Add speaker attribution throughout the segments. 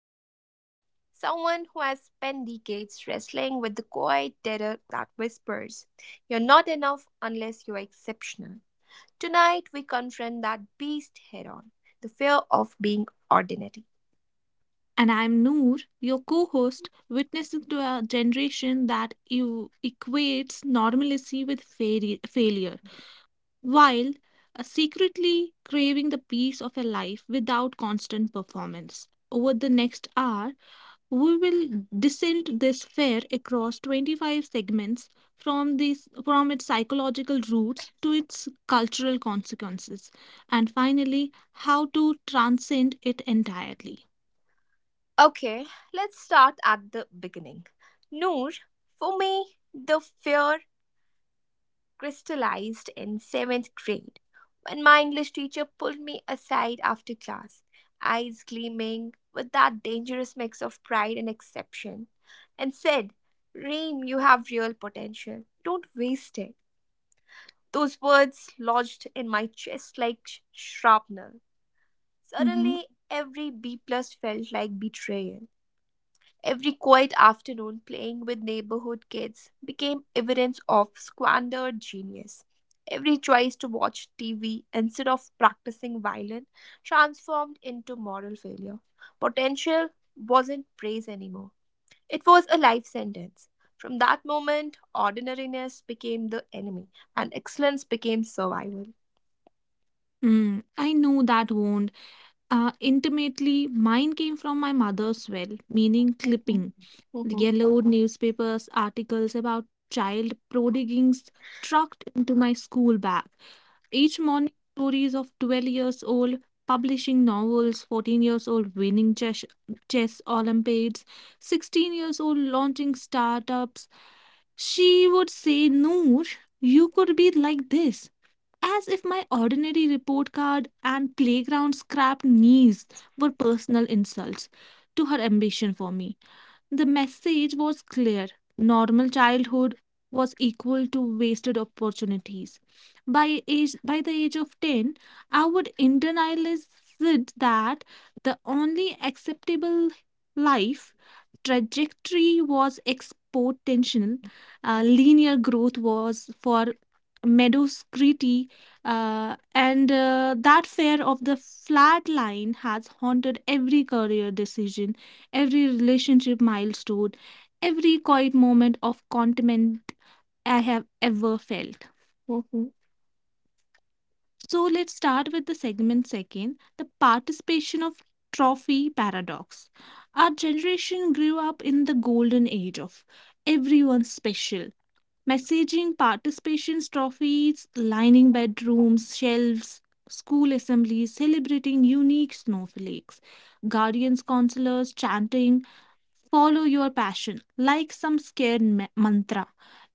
Speaker 1: host, Stream, someone who has spent decades wrestling with the quiet terror that whispers, "You're not enough unless you're exceptional." Tonight, we confront that beast head on: the fear of being ordinary.
Speaker 2: And I'm Noor, your co host, witnessing to a generation that equates normalcy with failure, while secretly craving the peace of a life without constant performance. Over the next hour, we will descend this fair across 25 segments from its psychological roots to its cultural consequences, and finally, how to transcend it entirely.
Speaker 1: Okay, let's start at the beginning. Noor, for me, the fear crystallized in seventh grade when my English teacher pulled me aside after class, eyes gleaming with that dangerous mix of pride and exception, and said, "Reem, you have real potential. Don't waste it." Those words lodged in my chest like shrapnel.
Speaker 2: Mhm.
Speaker 1: Suddenly, every B plus felt like betrayal. Every quiet afternoon playing with neighborhood kids became evidence of squandered genius. Every choice to watch TV instead of practicing violin transformed into moral failure. Potential wasn't praise anymore, it was a life sentence. From that moment, ordinariness became the enemy and excellence became survival.
Speaker 2: I know that wound. Intimately, mine came from my mother's well, meaning
Speaker 1: Mhm,
Speaker 2: clipping. The
Speaker 1: mhm,
Speaker 2: yellow newspapers, articles about child prodigings trucked into my school bag. Each morning, stories of 12 years old publishing novels, 14 years old winning chess Olympiads, 16 years old launching startups. She would say, Noor, you could be like this. As if my ordinary report card and playground scrap knees were personal insults to her ambition for me. The message was clear. Normal childhood was equal to wasted opportunities. By the age of 10, I would internalize it that the only acceptable life trajectory was exponential. Linear growth was for mediocrity, and that fear of the flat line has haunted every career decision, every relationship milestone, every quiet moment of contentment I have ever felt.
Speaker 1: mhm,
Speaker 2: So let's start with the segment second the participation of trophy paradox. Our generation grew up in the golden age of everyone's special. Messaging, participations, trophies, lining bedrooms, shelves, school assemblies, celebrating unique snowflakes, guardians, counselors, chanting, follow your passion, like some scared mantra.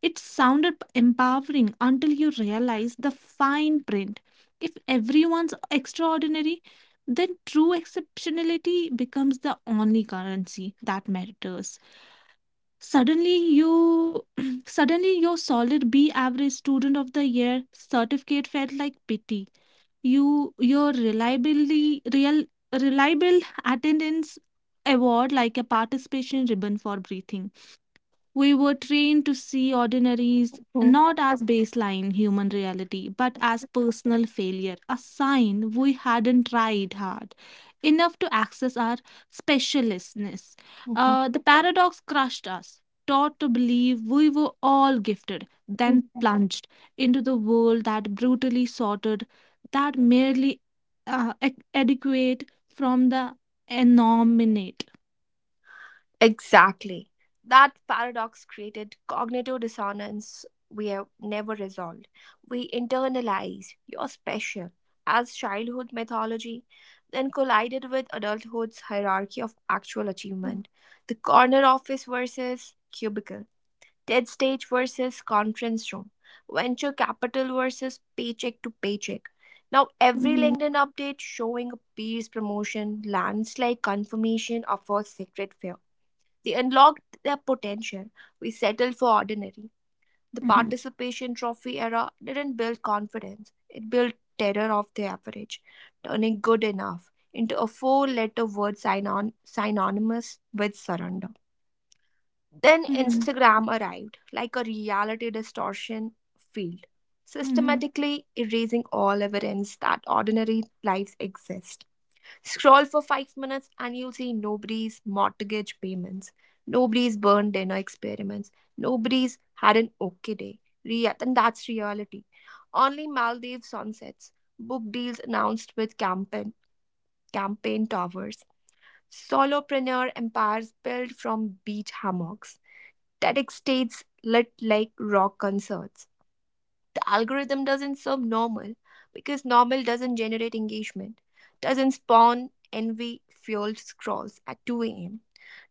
Speaker 2: It sounded empowering until you realize the fine print. If everyone's extraordinary, then true exceptionality becomes the only currency that matters. Suddenly, you suddenly your solid B average student of the year certificate felt like pity. Your reliably real reliable attendance award like a participation ribbon for breathing. We were trained to see ordinaries
Speaker 1: mhm,
Speaker 2: not as baseline human reality, but as personal failure, a sign we hadn't tried hard enough to access our specialistness.
Speaker 1: mhm,
Speaker 2: The paradox crushed us, taught to believe we were all gifted, then
Speaker 1: mhm.
Speaker 2: plunged into the world that brutally sorted, that merely adequate from the anominate.
Speaker 1: Exactly. That paradox created cognitive dissonance we have never resolved. We internalize "you're special" as childhood mythology, then collided with adulthood's hierarchy of actual achievement. The corner office versus cubicle, TED stage versus conference room, venture capital versus paycheck to paycheck. Now, every
Speaker 2: Mhm,
Speaker 1: LinkedIn update showing a peer's promotion lands like confirmation of a secret fear they unlocked their potential. We settled for ordinary. The
Speaker 2: mhm,
Speaker 1: participation trophy era didn't build confidence, it built terror of the average, turning good enough into a four letter word synonymous with surrender. Then
Speaker 2: mhm,
Speaker 1: Instagram arrived like a reality distortion field,
Speaker 2: mhm.
Speaker 1: systematically erasing all evidence that ordinary lives exist. Scroll for 5 minutes and you'll see nobody's mortgage payments, nobody's burned dinner experiments, nobody's had an okay day. And that's reality. Only Maldives sunsets, book deals announced with campaign, campaign towers, solopreneur empires built from beach hammocks, TEDx states lit like rock concerts. The algorithm doesn't serve normal because normal doesn't generate engagement, doesn't spawn envy fueled scrolls at 2 a.m.,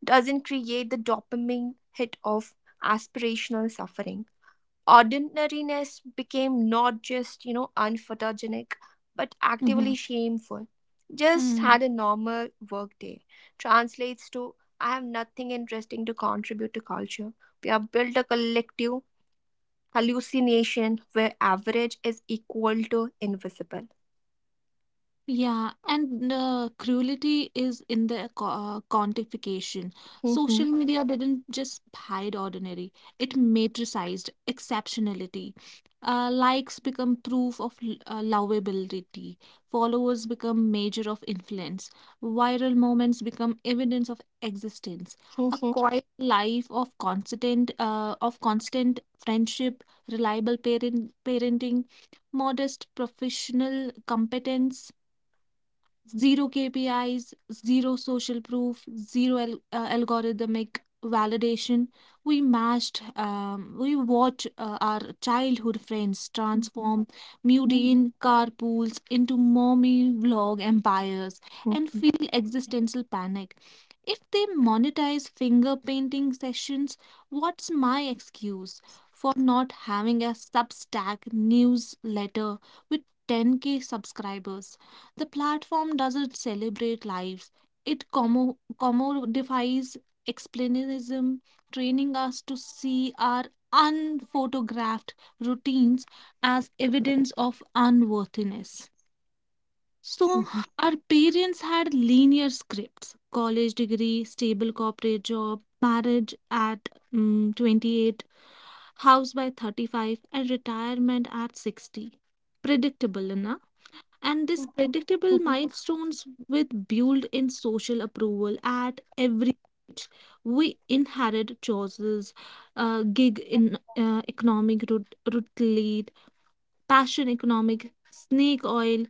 Speaker 1: doesn't create the dopamine hit of aspirational suffering. Ordinariness became not just, unphotogenic, but
Speaker 2: 嗯
Speaker 1: actively
Speaker 2: 哼，
Speaker 1: shameful. Just
Speaker 2: 嗯，
Speaker 1: had a normal workday translates to I have nothing interesting to contribute to culture. We have built a collective hallucination where average is equal to invisible.
Speaker 2: Yeah, and cruelty is in the quantification. Social
Speaker 1: Mhm,
Speaker 2: media didn't just hide ordinary, it matricized exceptionality. Likes become proof of lovability, followers become measure of influence, viral moments become evidence of existence. A
Speaker 1: mhm,
Speaker 2: quiet life of constant friendship, reliable parenting, modest professional competence zero KPIs, zero social proof, zero algorithmic validation. We watched our childhood friends
Speaker 1: mhm,
Speaker 2: transform
Speaker 1: mhm,
Speaker 2: mundane carpools into mommy vlog empires and
Speaker 1: mhm,
Speaker 2: feel existential panic. If they monetize finger painting sessions, what's my excuse for not having a Substack newsletter with 10K subscribers? The platform doesn't celebrate lives. It commodifies explainism, training us to see our unphotographed routines as evidence of unworthiness. So, our parents had linear scripts college degree, stable corporate job, marriage at 28, house by 35, and retirement at 60. Predictable enough
Speaker 1: mhm,
Speaker 2: and
Speaker 1: mhm,
Speaker 2: these
Speaker 1: mhm.
Speaker 2: predictable milestones with built in social approval at every stage. We inherit choices, gig in economic passion economic, snake oil,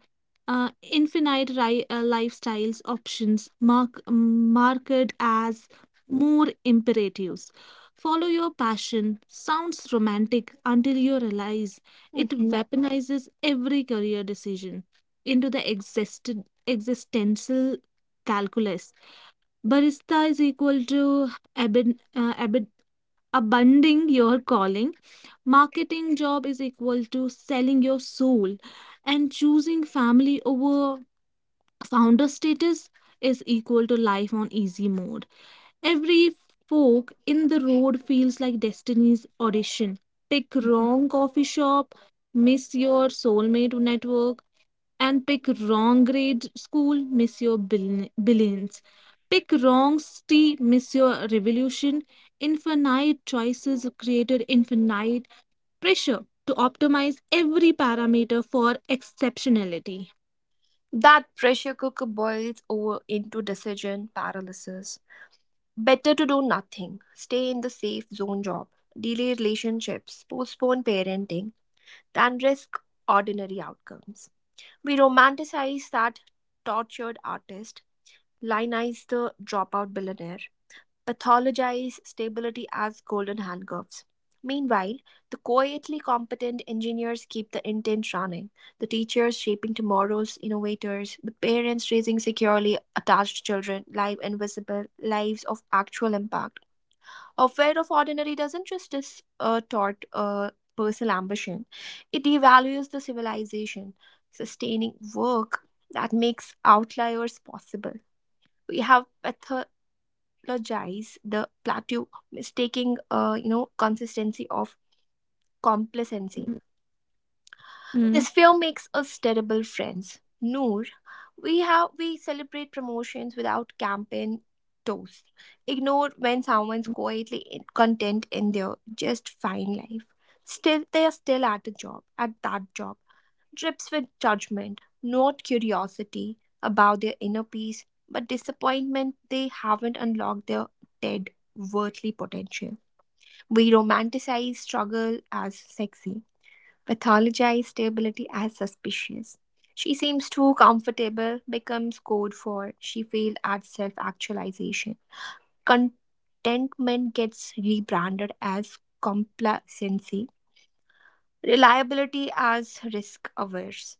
Speaker 2: infinite lifestyles options marked as more imperatives. Follow your passion sounds romantic until you realize it
Speaker 1: mhm.
Speaker 2: weaponizes every career decision into the existential calculus Barista is equal to abid, uh, abid, abandoning your calling. Marketing job is equal to selling your soul. And choosing family over founder status is equal to life on easy mode. Every fork in the road feels like destiny's audition. Pick wrong coffee shop, miss your soulmate network and pick wrong grade, school miss your billions. Pick wrong city, miss your revolution. Infinite choices created infinite pressure to optimize every parameter for exceptionality.
Speaker 1: That pressure cooker boils over into decision paralysis. Better to do nothing, stay in the safe zone job, delay relationships, postpone parenting, than risk ordinary outcomes. We romanticize that tortured artist, lionize the dropout billionaire, pathologize stability as golden handcuffs. Meanwhile, the quietly competent engineers keep the intent running, the teachers shaping tomorrow's innovators, the parents raising securely attached children, live invisible lives of actual impact. Affair of ordinary doesn't just taught personal ambition, it devalues the civilization, sustaining work that makes outliers possible. We have apologize the plateau, mistaking consistency of complacency.
Speaker 2: Hmm.
Speaker 1: This film makes us terrible friends. Noor, we celebrate promotions without campaign toast. Ignore when someone's quietly content in their just fine life. Still, they are still at a job, at that job. Drips with judgment, not curiosity about their inner peace, but disappointment they haven't unlocked their dead worldly potential. We romanticize struggle as sexy. Pathologized stability as suspicious. She seems too comfortable, becomes code for she failed at self actualization. Contentment gets rebranded as complacency, reliability as risk averse.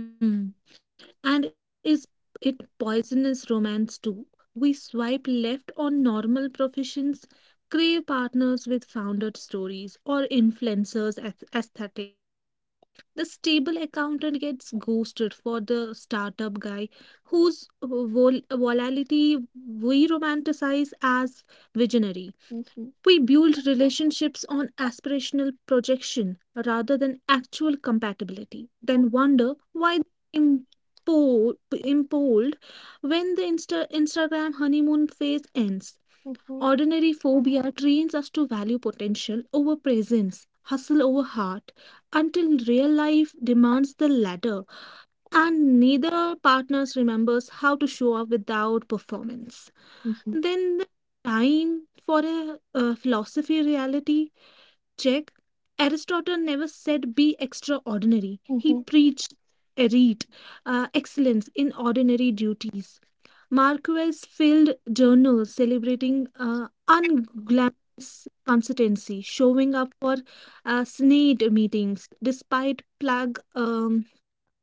Speaker 2: Mm. And is it poisonous romance too? We swipe left on normal professions, crave partners with founder stories or influencers' aesthetics. The stable accountant gets ghosted for the startup guy whose volatility we romanticize as visionary. We
Speaker 1: Mhm.
Speaker 2: build relationships on aspirational projection rather than actual compatibility, then wonder why they implode when the Instagram honeymoon phase ends.
Speaker 1: Mhm,
Speaker 2: Ordinary phobia trains us to value potential over presence, hustle over heart, until real life demands the latter, and neither partners remembers how to show up without performance.
Speaker 1: mhm,
Speaker 2: Then the time for a philosophy reality check. Aristotle never said be extraordinary. He
Speaker 1: mhm.
Speaker 2: preached erete, excellence in ordinary duties. Marquez filled journals celebrating unglamorous consistency, showing up for Senate meetings despite plague,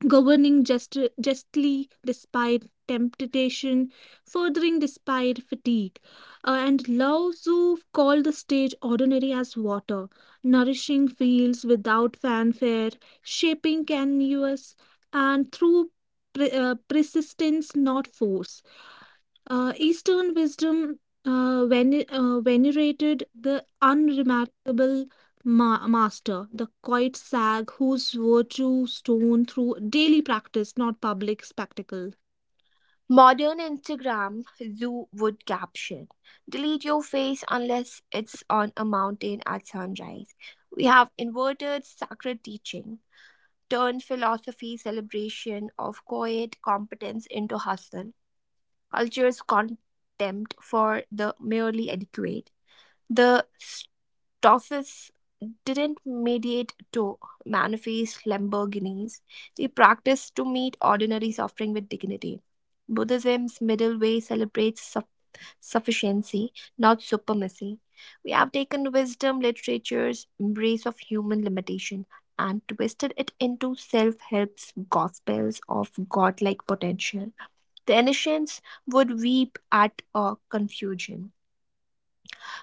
Speaker 2: governing justly despite temptation, furthering despite fatigue. And Lao Tzu called the stage ordinary as water, nourishing fields without fanfare, shaping canvas, and through persistence, not force. Eastern wisdom venerated the unremarkable master, the quiet sag whose virtue shone through daily practice, not public spectacle.
Speaker 1: Modern Instagram, Zoo would caption "Delete your face unless it's on a mountain at sunrise." We have inverted sacred teaching, turned philosophy celebration of quiet competence into hustle, culture's contempt for the merely adequate. The Toffees didn't mediate to manifest Lamborghinis. They practiced to meet ordinary suffering with dignity. Buddhism's middle way celebrates sufficiency, not supremacy. We have taken wisdom literature's embrace of human limitation and twisted it into self help's gospels of godlike potential. The ancients would weep at a confusion.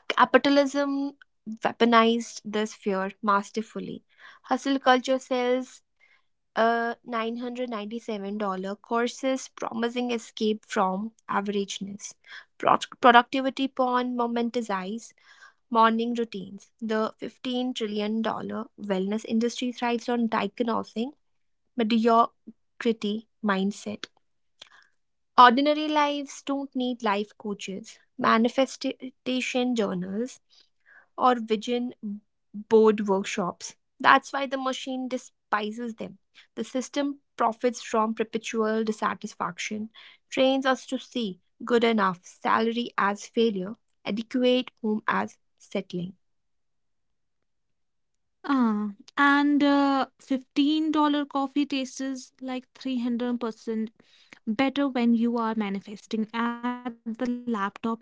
Speaker 1: Capitalism weaponized this fear masterfully. Hustle culture sells $997 courses promising escape from averageness. Productivity porn momentizes morning routines. The 15 trillion dollar wellness industry thrives on diagnosing mediocrity mindset. Ordinary lives don't need life coaches, manifestation journals, or vision board workshops. That's why the machine despises them. The system profits from perpetual dissatisfaction, trains us to see good enough salary as failure, adequate home as settling.
Speaker 2: Uh, and $15 dollar coffee tastes like 300% better when you are manifesting at the laptop in public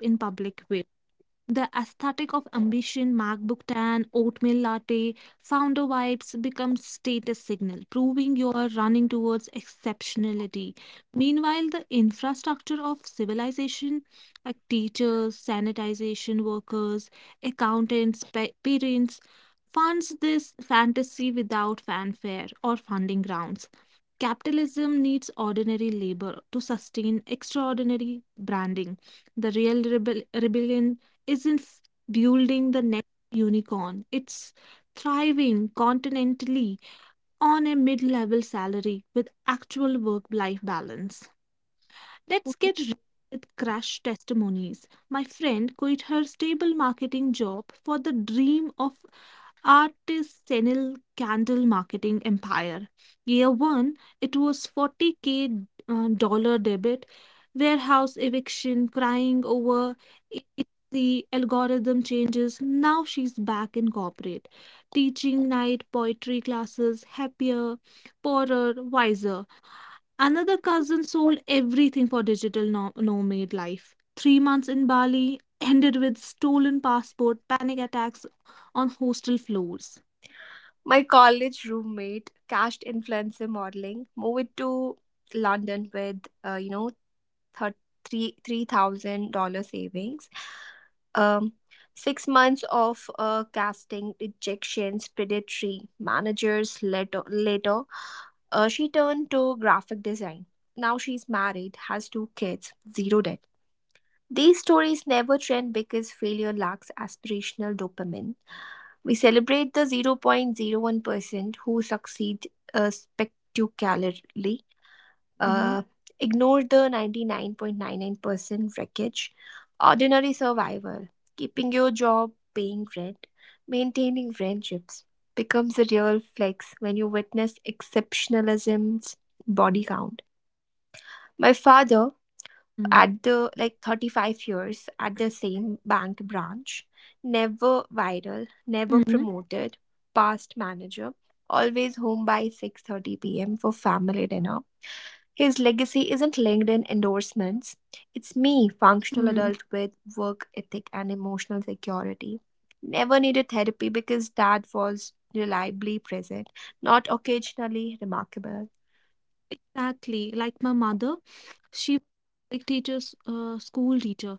Speaker 2: the aesthetic of ambition, MacBook tan, oatmeal latte, founder vibes become status signal, proving you are running towards exceptionality. Meanwhile, the infrastructure of civilization, like teachers, sanitization workers, accountants, parents, funds this fantasy without fanfare or funding rounds. Capitalism needs ordinary labor to sustain extraordinary branding. The real rebellion isn't building the next unicorn, it's thriving continentally on a mid level salary with actual work life balance. Let's get real with crash testimonies. My friend quit her stable marketing job for the dream of artisanal candle marketing empire. Year 1, it was 40K dollar debit, warehouse eviction, crying over it- the algorithm changes. Now she's back in corporate, teaching night poetry classes, happier, poorer, wiser. Another cousin sold everything for digital nomad life. 3 months in Bali ended with stolen passport, panic attacks on hostel floors.
Speaker 1: My college roommate cashed influencer modeling, moved to London with three $3,000 savings. Um, 6 months of casting rejections, predatory managers later, she turned to graphic design. Now she's married, has two kids, zero debt. These stories never trend because failure lacks aspirational dopamine. We celebrate the 0.01% who succeed spectacularly,
Speaker 2: Mhm.
Speaker 1: uh, ignore the 99.99% wreckage. Ordinary survival. Keeping your job, paying rent, maintaining friendships becomes a real flex when you witness exceptionalism's body count.
Speaker 2: Mm.
Speaker 1: My father at the like 35 years at the same bank branch,
Speaker 2: Mhm.
Speaker 1: never viral, never promoted past manager, always home by 6:30 p.m. for family dinner. His legacy isn't LinkedIn endorsements, it's me,
Speaker 2: Mm.
Speaker 1: functional adult with work ethic and emotional security, never needed therapy because dad was reliably present, not occasionally remarkable.
Speaker 2: Exactly. Like my mother, she was a teacher's school teacher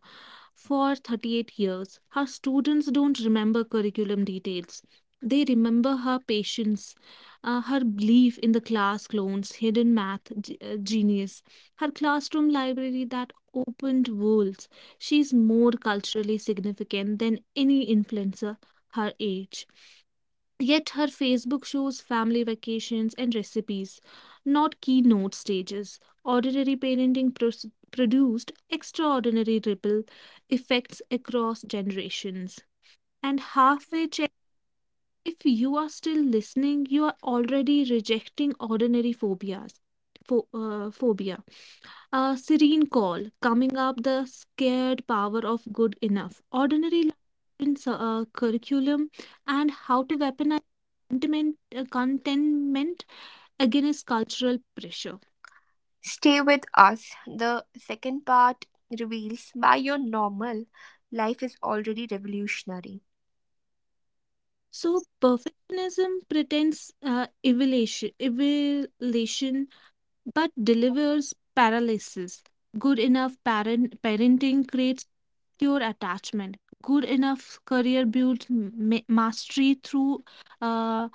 Speaker 2: for 38 years. Her students don't remember curriculum details. They remember her patience, her belief in the class clones, hidden math genius, her classroom library that opened worlds. She's more culturally significant than any influencer her age. Yet her Facebook shows family vacations and recipes, not keynote stages. Ordinary parenting produced extraordinary ripple effects across generations. And halfway check, if you are still listening, you are already rejecting ordinary phobias. Phobias. A serene call, coming up the scared power of good enough. Ordinary life in curriculum and how to weaponize contentment against cultural pressure.
Speaker 1: Stay with us. The second part reveals why your normal life is already revolutionary.
Speaker 2: So perfectionism pretends evaluation, but delivers paralysis. Good enough parenting creates secure attachment. Good enough career builds mastery through uh,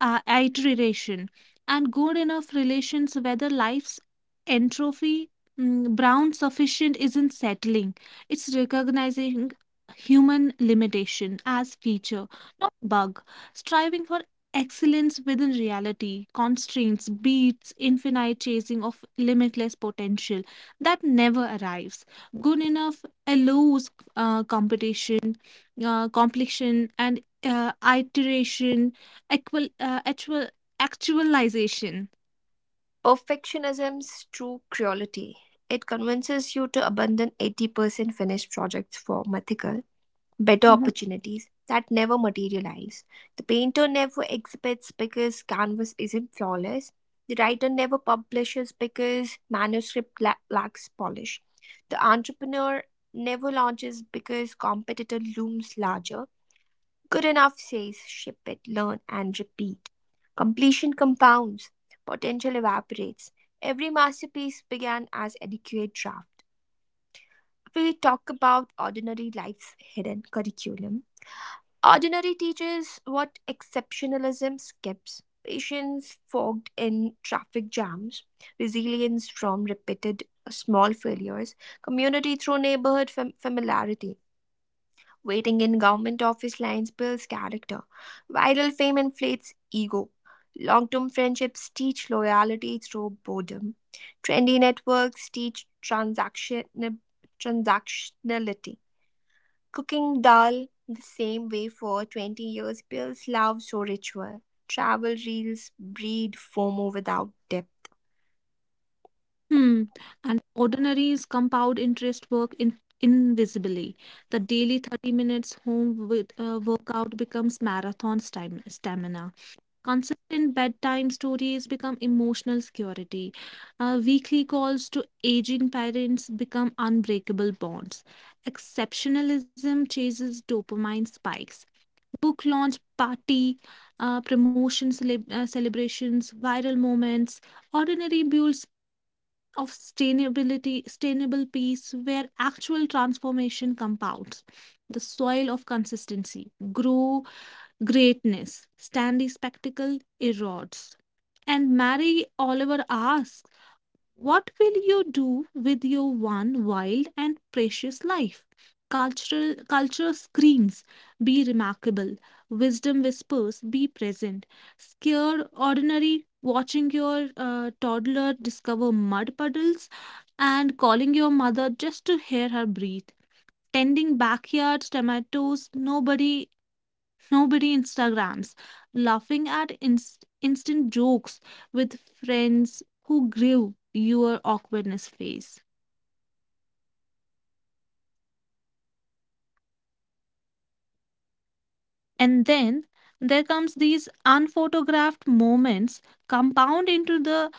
Speaker 2: iteration. And good enough relations, whether life's entrophy, Brown sufficient isn't settling. It's recognizing human limitation as feature, not bug. Striving for Excellence within reality, constraints, beats, infinite chasing of limitless potential that never arrives. Good enough allows competition, complexion, and iteration, equal, actualization.
Speaker 1: Perfectionism's true cruelty. It convinces you to abandon 80% finished projects for mythical better
Speaker 2: Mhm.
Speaker 1: opportunities that never materialize. The painter never exhibits because canvas isn't flawless. The writer never publishes because manuscript lacks polish. The entrepreneur never launches because competitor looms larger. Good enough says ship it, learn, and repeat. Completion compounds, potential evaporates. Every masterpiece began as adequate draft. We talk about ordinary life's hidden curriculum. Ordinary teaches what exceptionalism skips: patience fogged in traffic jams, resilience from repeated small failures, community through neighborhood familiarity. Waiting in government office lines builds character. Viral fame inflates ego. Long term friendships teach loyalty through boredom. Trendy networks teach transactionality. Cooking dal the same way for 20 years builds love so ritual. Travel reels breed FOMO without depth.
Speaker 2: Hmm. And ordinaries compound interest work in invisibly. The daily 30 minutes home workout becomes marathon stamina. Consistent bedtime stories become emotional security. Weekly calls to aging parents become unbreakable bonds. Exceptionalism chases dopamine spikes. Book launch party, promotion celebrations, viral moments, ordinary builds of sustainability, sustainable peace, where actual transformation compounds. The soil of consistency, grow greatness, standy spectacle erodes. And Mary Oliver asks, what will you do with your one wild and precious life? Culture screams, be remarkable. Wisdom whispers, be present. Scared ordinary, watching your toddler discover mud puddles and calling your mother just to hear her breathe. Tending backyards, tomatoes, nobody Instagrams, laughing at instant jokes with friends who grill your awkwardness face. And then there comes these unphotographed moments compound into the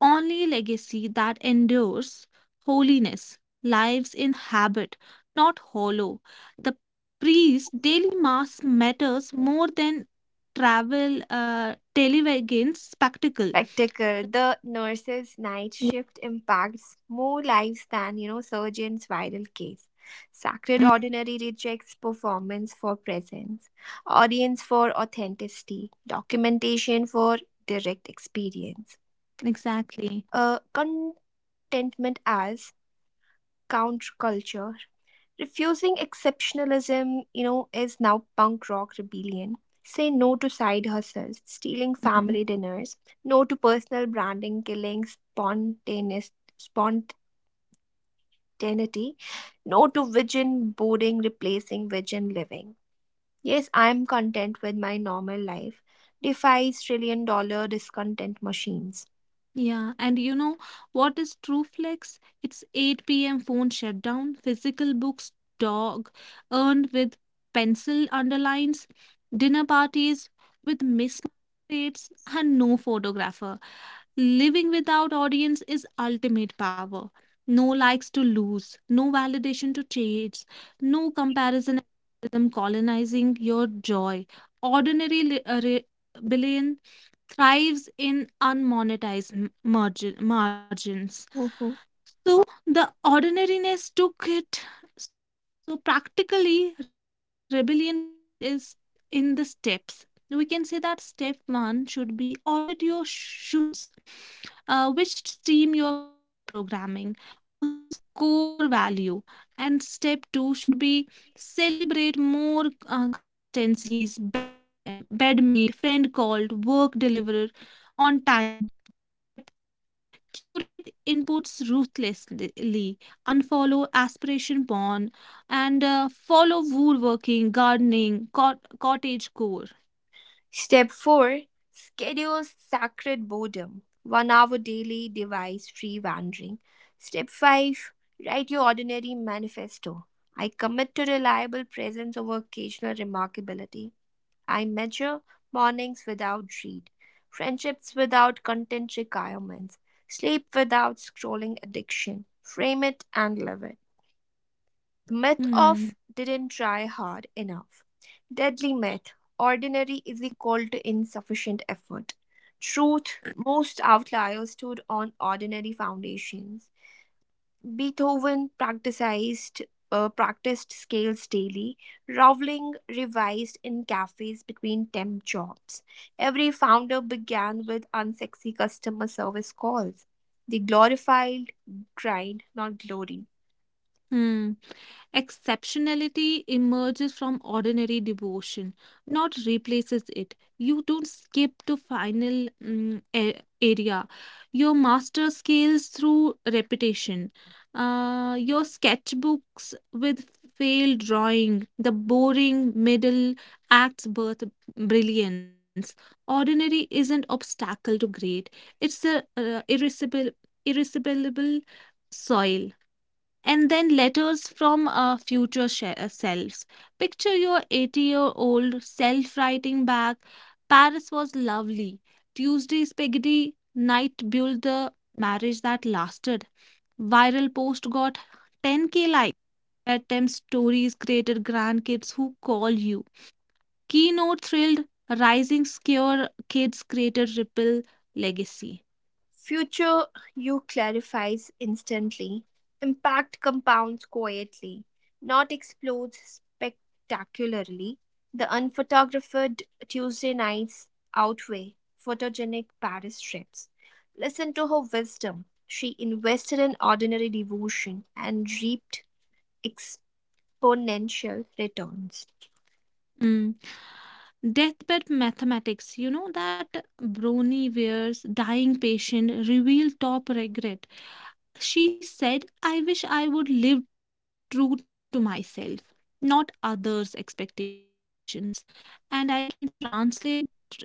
Speaker 2: only legacy that endures holiness, lives in habit, not hollow. The priest's daily mass matters more than travel television's spectacle.
Speaker 1: Spectacle, the nurse's night shift impacts more lives than, surgeon's viral case. Sacred
Speaker 2: Mm,
Speaker 1: ordinary rejects performance for presence, audience for authenticity, documentation for direct experience.
Speaker 2: exactly.
Speaker 1: Uh, Contentment as counterculture. Refusing exceptionalism, is now punk rock rebellion. Say no to side hustles, stealing
Speaker 2: Mm,
Speaker 1: family dinners, no to personal branding, killing spontaneous spontaneity, no to vision boarding, replacing vision living. Yes, I am content with my normal life. Defies trillion dollar discontent machines.
Speaker 2: yeah, and you know what is true flex? It's 8 p.m. phone shutdown, physical books, dog, earned with pencil underlines, dinner parties with mismatched dates, and no photographer. Living without audience is ultimate power. No likes to lose, no validation to chase, no comparison algorithm colonizing your joy. Ordinary rebellion thrives in unmonetized margins.
Speaker 1: Mhm.
Speaker 2: So the ordinariness took it. So practically, rebellion kit is in the steps. We can say that step one should be audit your shoots, which stream your culture programming versus core value, and step two should be celebrate more consistencies, bed made, friend called, work delivered on time, and step three curate inputs ruthlessly unfollow aspiration porn, and follow woodworking, gardening, cottage core.
Speaker 1: Step 4, schedule sacred boredom, 1 hour daily device free wandering. Step 5, write your ordinary manifesto. I commit to reliable presence over occasional remarkability. I measure mornings without dread, friendships without content requirements, sleep without scrolling addiction. Frame it and live it. Myth of didn't
Speaker 2: Hmm.
Speaker 1: try hard enough. Deadly myth: ordinary is equal to insufficient effort. Truth: most outliers stood on ordinary foundations. Beethoven practiced scales daily. Rowling revised in cafes between temp jobs. Every founder began with unsexy customer service calls. They glorified grind, not glory.
Speaker 2: Hmm. Exceptionality emerges from ordinary devotion, not replaces it. You don't skip to final area. Your master scales through repetition. Your sketchbooks with failed drawing, the boring middle acts birth brilliance. Ordinary isn't obstacle to great. It's a irresistible soil and then letters from our future selves. Picture your 80-year-old self writing back Paris was lovely. Tuesday spaghetti night built the marriage that lasted. Viral post got 10K likes. Bedtime stories created grandkids who call you. Keynote thrilled rising scare kids created ripple legacy.
Speaker 1: Future you clarifies instantly, impact compounds quietly, not explodes spectacularly. The unphotographed Tuesday nights outweigh photogenic Paris trips. Listen to her wisdom. She invested in ordinary devotion and reaped exponential returns.
Speaker 2: Mm. Deathbed mathematics. You know that Brony Ware's dying patient revealed top regret. She said, I wish I would live true to myself, not others' expectations. And I can translate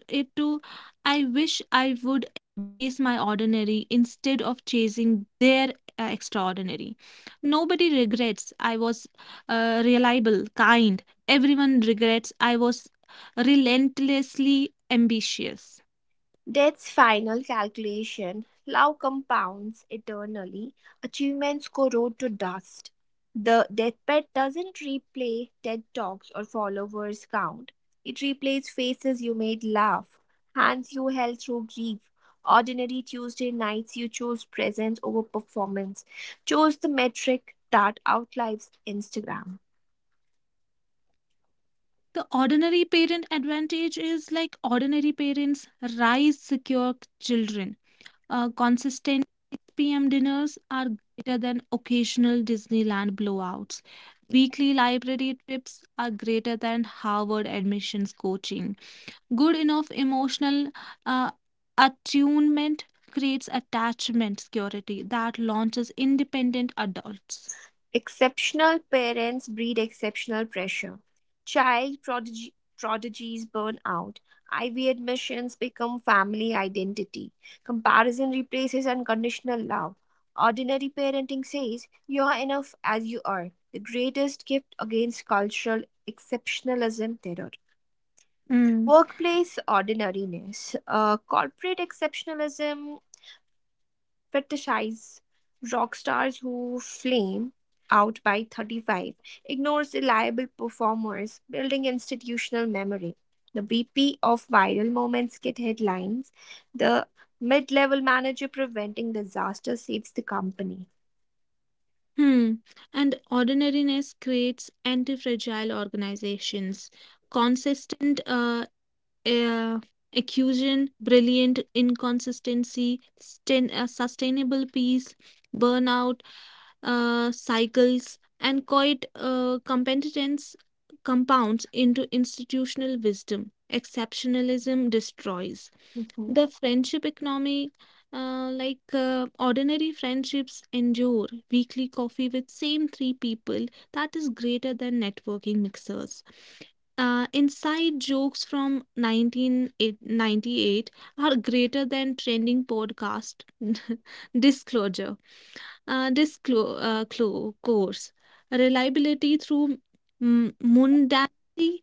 Speaker 2: it to I wish I would embrace my ordinary instead of chasing their extraordinary. Nobody regrets I was reliable, kind. Everyone regrets I was relentlessly ambitious.
Speaker 1: Death's final calculation. Love compounds eternally. Achievements corrode to dust. The deathbed doesn't replay TED Talks or followers count. It replays faces you made laugh, hands you held through grief, ordinary Tuesday nights you chose presence over performance, chose the metric that outlives Instagram.
Speaker 2: The ordinary parent advantage is like ordinary parents raise secure children. Consistent 6 p.m. dinners are greater than occasional Disneyland blowouts. Weekly library trips are greater than Harvard admissions coaching. Good enough emotional uh, attunement creates attachment security that launches independent adults.
Speaker 1: Exceptional parents breed exceptional pressure. Child prodigy, prodigies burn out. IB admissions become family identity. Comparison replaces unconditional love. Ordinary parenting says, "You are enough as you are." The greatest gift against cultural exceptionalism terror. Workplace ordinariness. Corporate exceptionalism fetishize rock stars who flame out by 35, ignores reliable performers, building institutional memory. The BP of viral moments get headlines. The mid level manager preventing disaster saves the company.
Speaker 2: Hmm. And ordinariness creates anti-fragile organizations. Consistent uh, accusion, brilliant inconsistency, sustainable peace, burnout cycles, and quiet competence compounds into institutional wisdom. Exceptionalism destroys.
Speaker 1: Mm-hmm.
Speaker 2: The friendship economy, like ordinary friendships endure. Weekly coffee with same three people, that is greater than networking mixers. Inside jokes from 1998 are greater than trending podcast disclosure, course, reliability through mundanity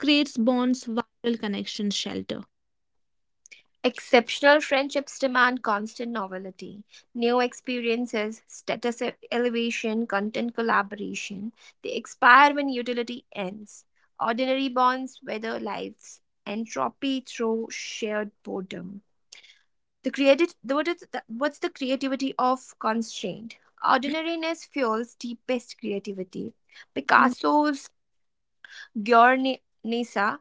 Speaker 2: creates bonds, viral connections, shelter.
Speaker 1: Exceptional friendships demand constant novelty, new experiences, elevation, content collaboration. They expire when utility ends. Ordinary bonds weather life's entropy through shared boredom. The created, what is the- What's the creativity of constraint? Ordinariness fuels deepest creativity. Picasso's Guernica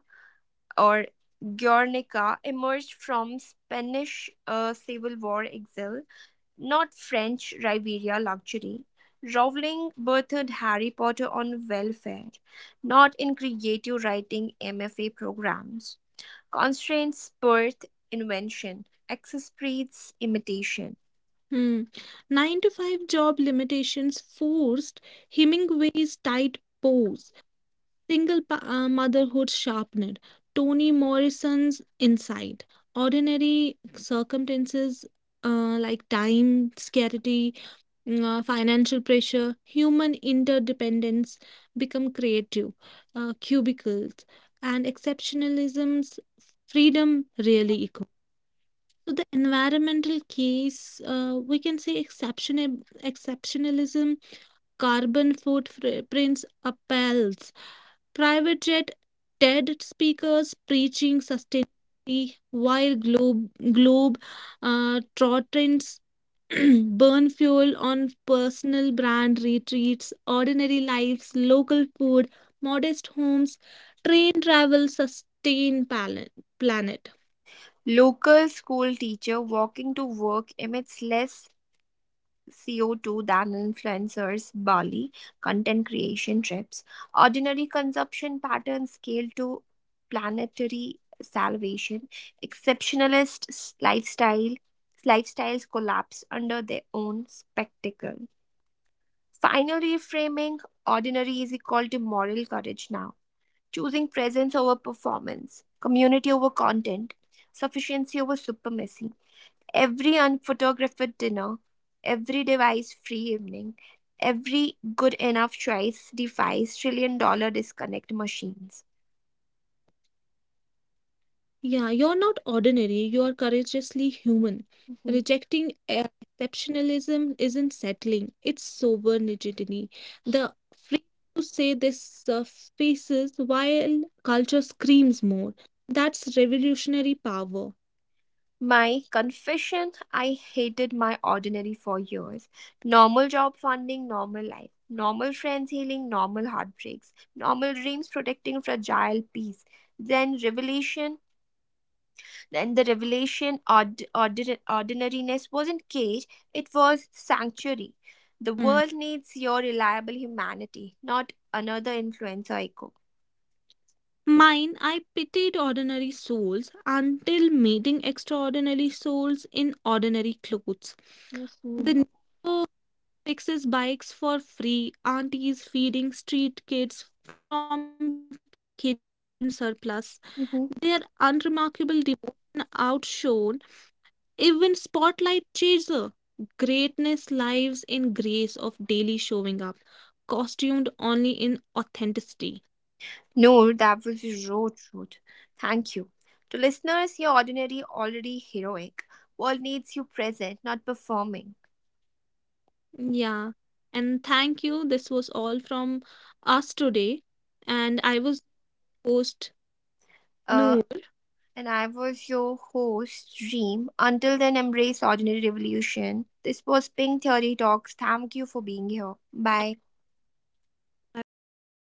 Speaker 1: or Guernica emerged from Spanish Civil War exile, not French Riviera luxury. Rowling birthed Harry Potter on welfare, not in creative writing MFA programs. Constraints birth invention, access breeds imitation.
Speaker 2: Hmm. 9-to-5 job limitations forced Hemingway's tight pose. Single motherhood sharpened Toni Morrison's insight. Ordinary circumstances like time, scarcity, financial pressure, human interdependence become creative cubicles, and exceptionalism's freedom really equal. So the environmental case, we can say exceptionalism carbon footprints appels, private jet TED speakers preaching sustainability while globe, globe trotters burn fuel on personal brand retreats, ordinary lives, local food, modest homes, train travel, sustain planet.
Speaker 1: Local school teacher walking to work emits less CO2 than influencers, Bali, content creation trips, ordinary consumption patterns scale to planetary salvation, exceptionalist lifestyles collapse under their own spectacle. Final reframing: ordinary is equal to moral courage now, choosing presence over performance, community over content, sufficiency over supremacy. Every unphotographed dinner, every device free evening, every good enough choice defies trillion dollar disconnect machines.
Speaker 2: Yeah, you're not ordinary, you're courageously human. Rejecting
Speaker 1: Mhm.
Speaker 2: exceptionalism isn't settling, it's sober rigidity. The freedom to say this surfaces while culture screams more. That's revolutionary power.
Speaker 1: My confession: I hated my ordinary for years. Normal job funding, normal life, normal friends healing, normal heartbreaks, normal dreams protecting fragile peace. Then revelation And the revelation, ordinariness wasn't cage, it was sanctuary. The
Speaker 2: Mm.
Speaker 1: world needs your reliable humanity, not another influencer echo.
Speaker 2: Mine, I pitied ordinary souls until meeting extraordinary souls in ordinary clothes.
Speaker 1: hmm
Speaker 2: The fixes bikes for free, aunties feeding street kids from kitchen surplus. Their
Speaker 1: hmm
Speaker 2: unremarkable devotion outshone even spotlight chaser. Greatness lives in grace of daily showing up, costumed only in authenticity.
Speaker 1: No, that was raw truth. Thank you. To listeners, you're ordinary, already heroic. World needs you present, not performing.
Speaker 2: Yeah. And thank you. This was all from us today. And I was your host
Speaker 1: Uh,
Speaker 2: Noor.
Speaker 1: and I was your host, Dream. Until then, embrace ordinary revolution. This was Pink Theory Talks. Thank you for being here. Bye.
Speaker 2: Bye bye.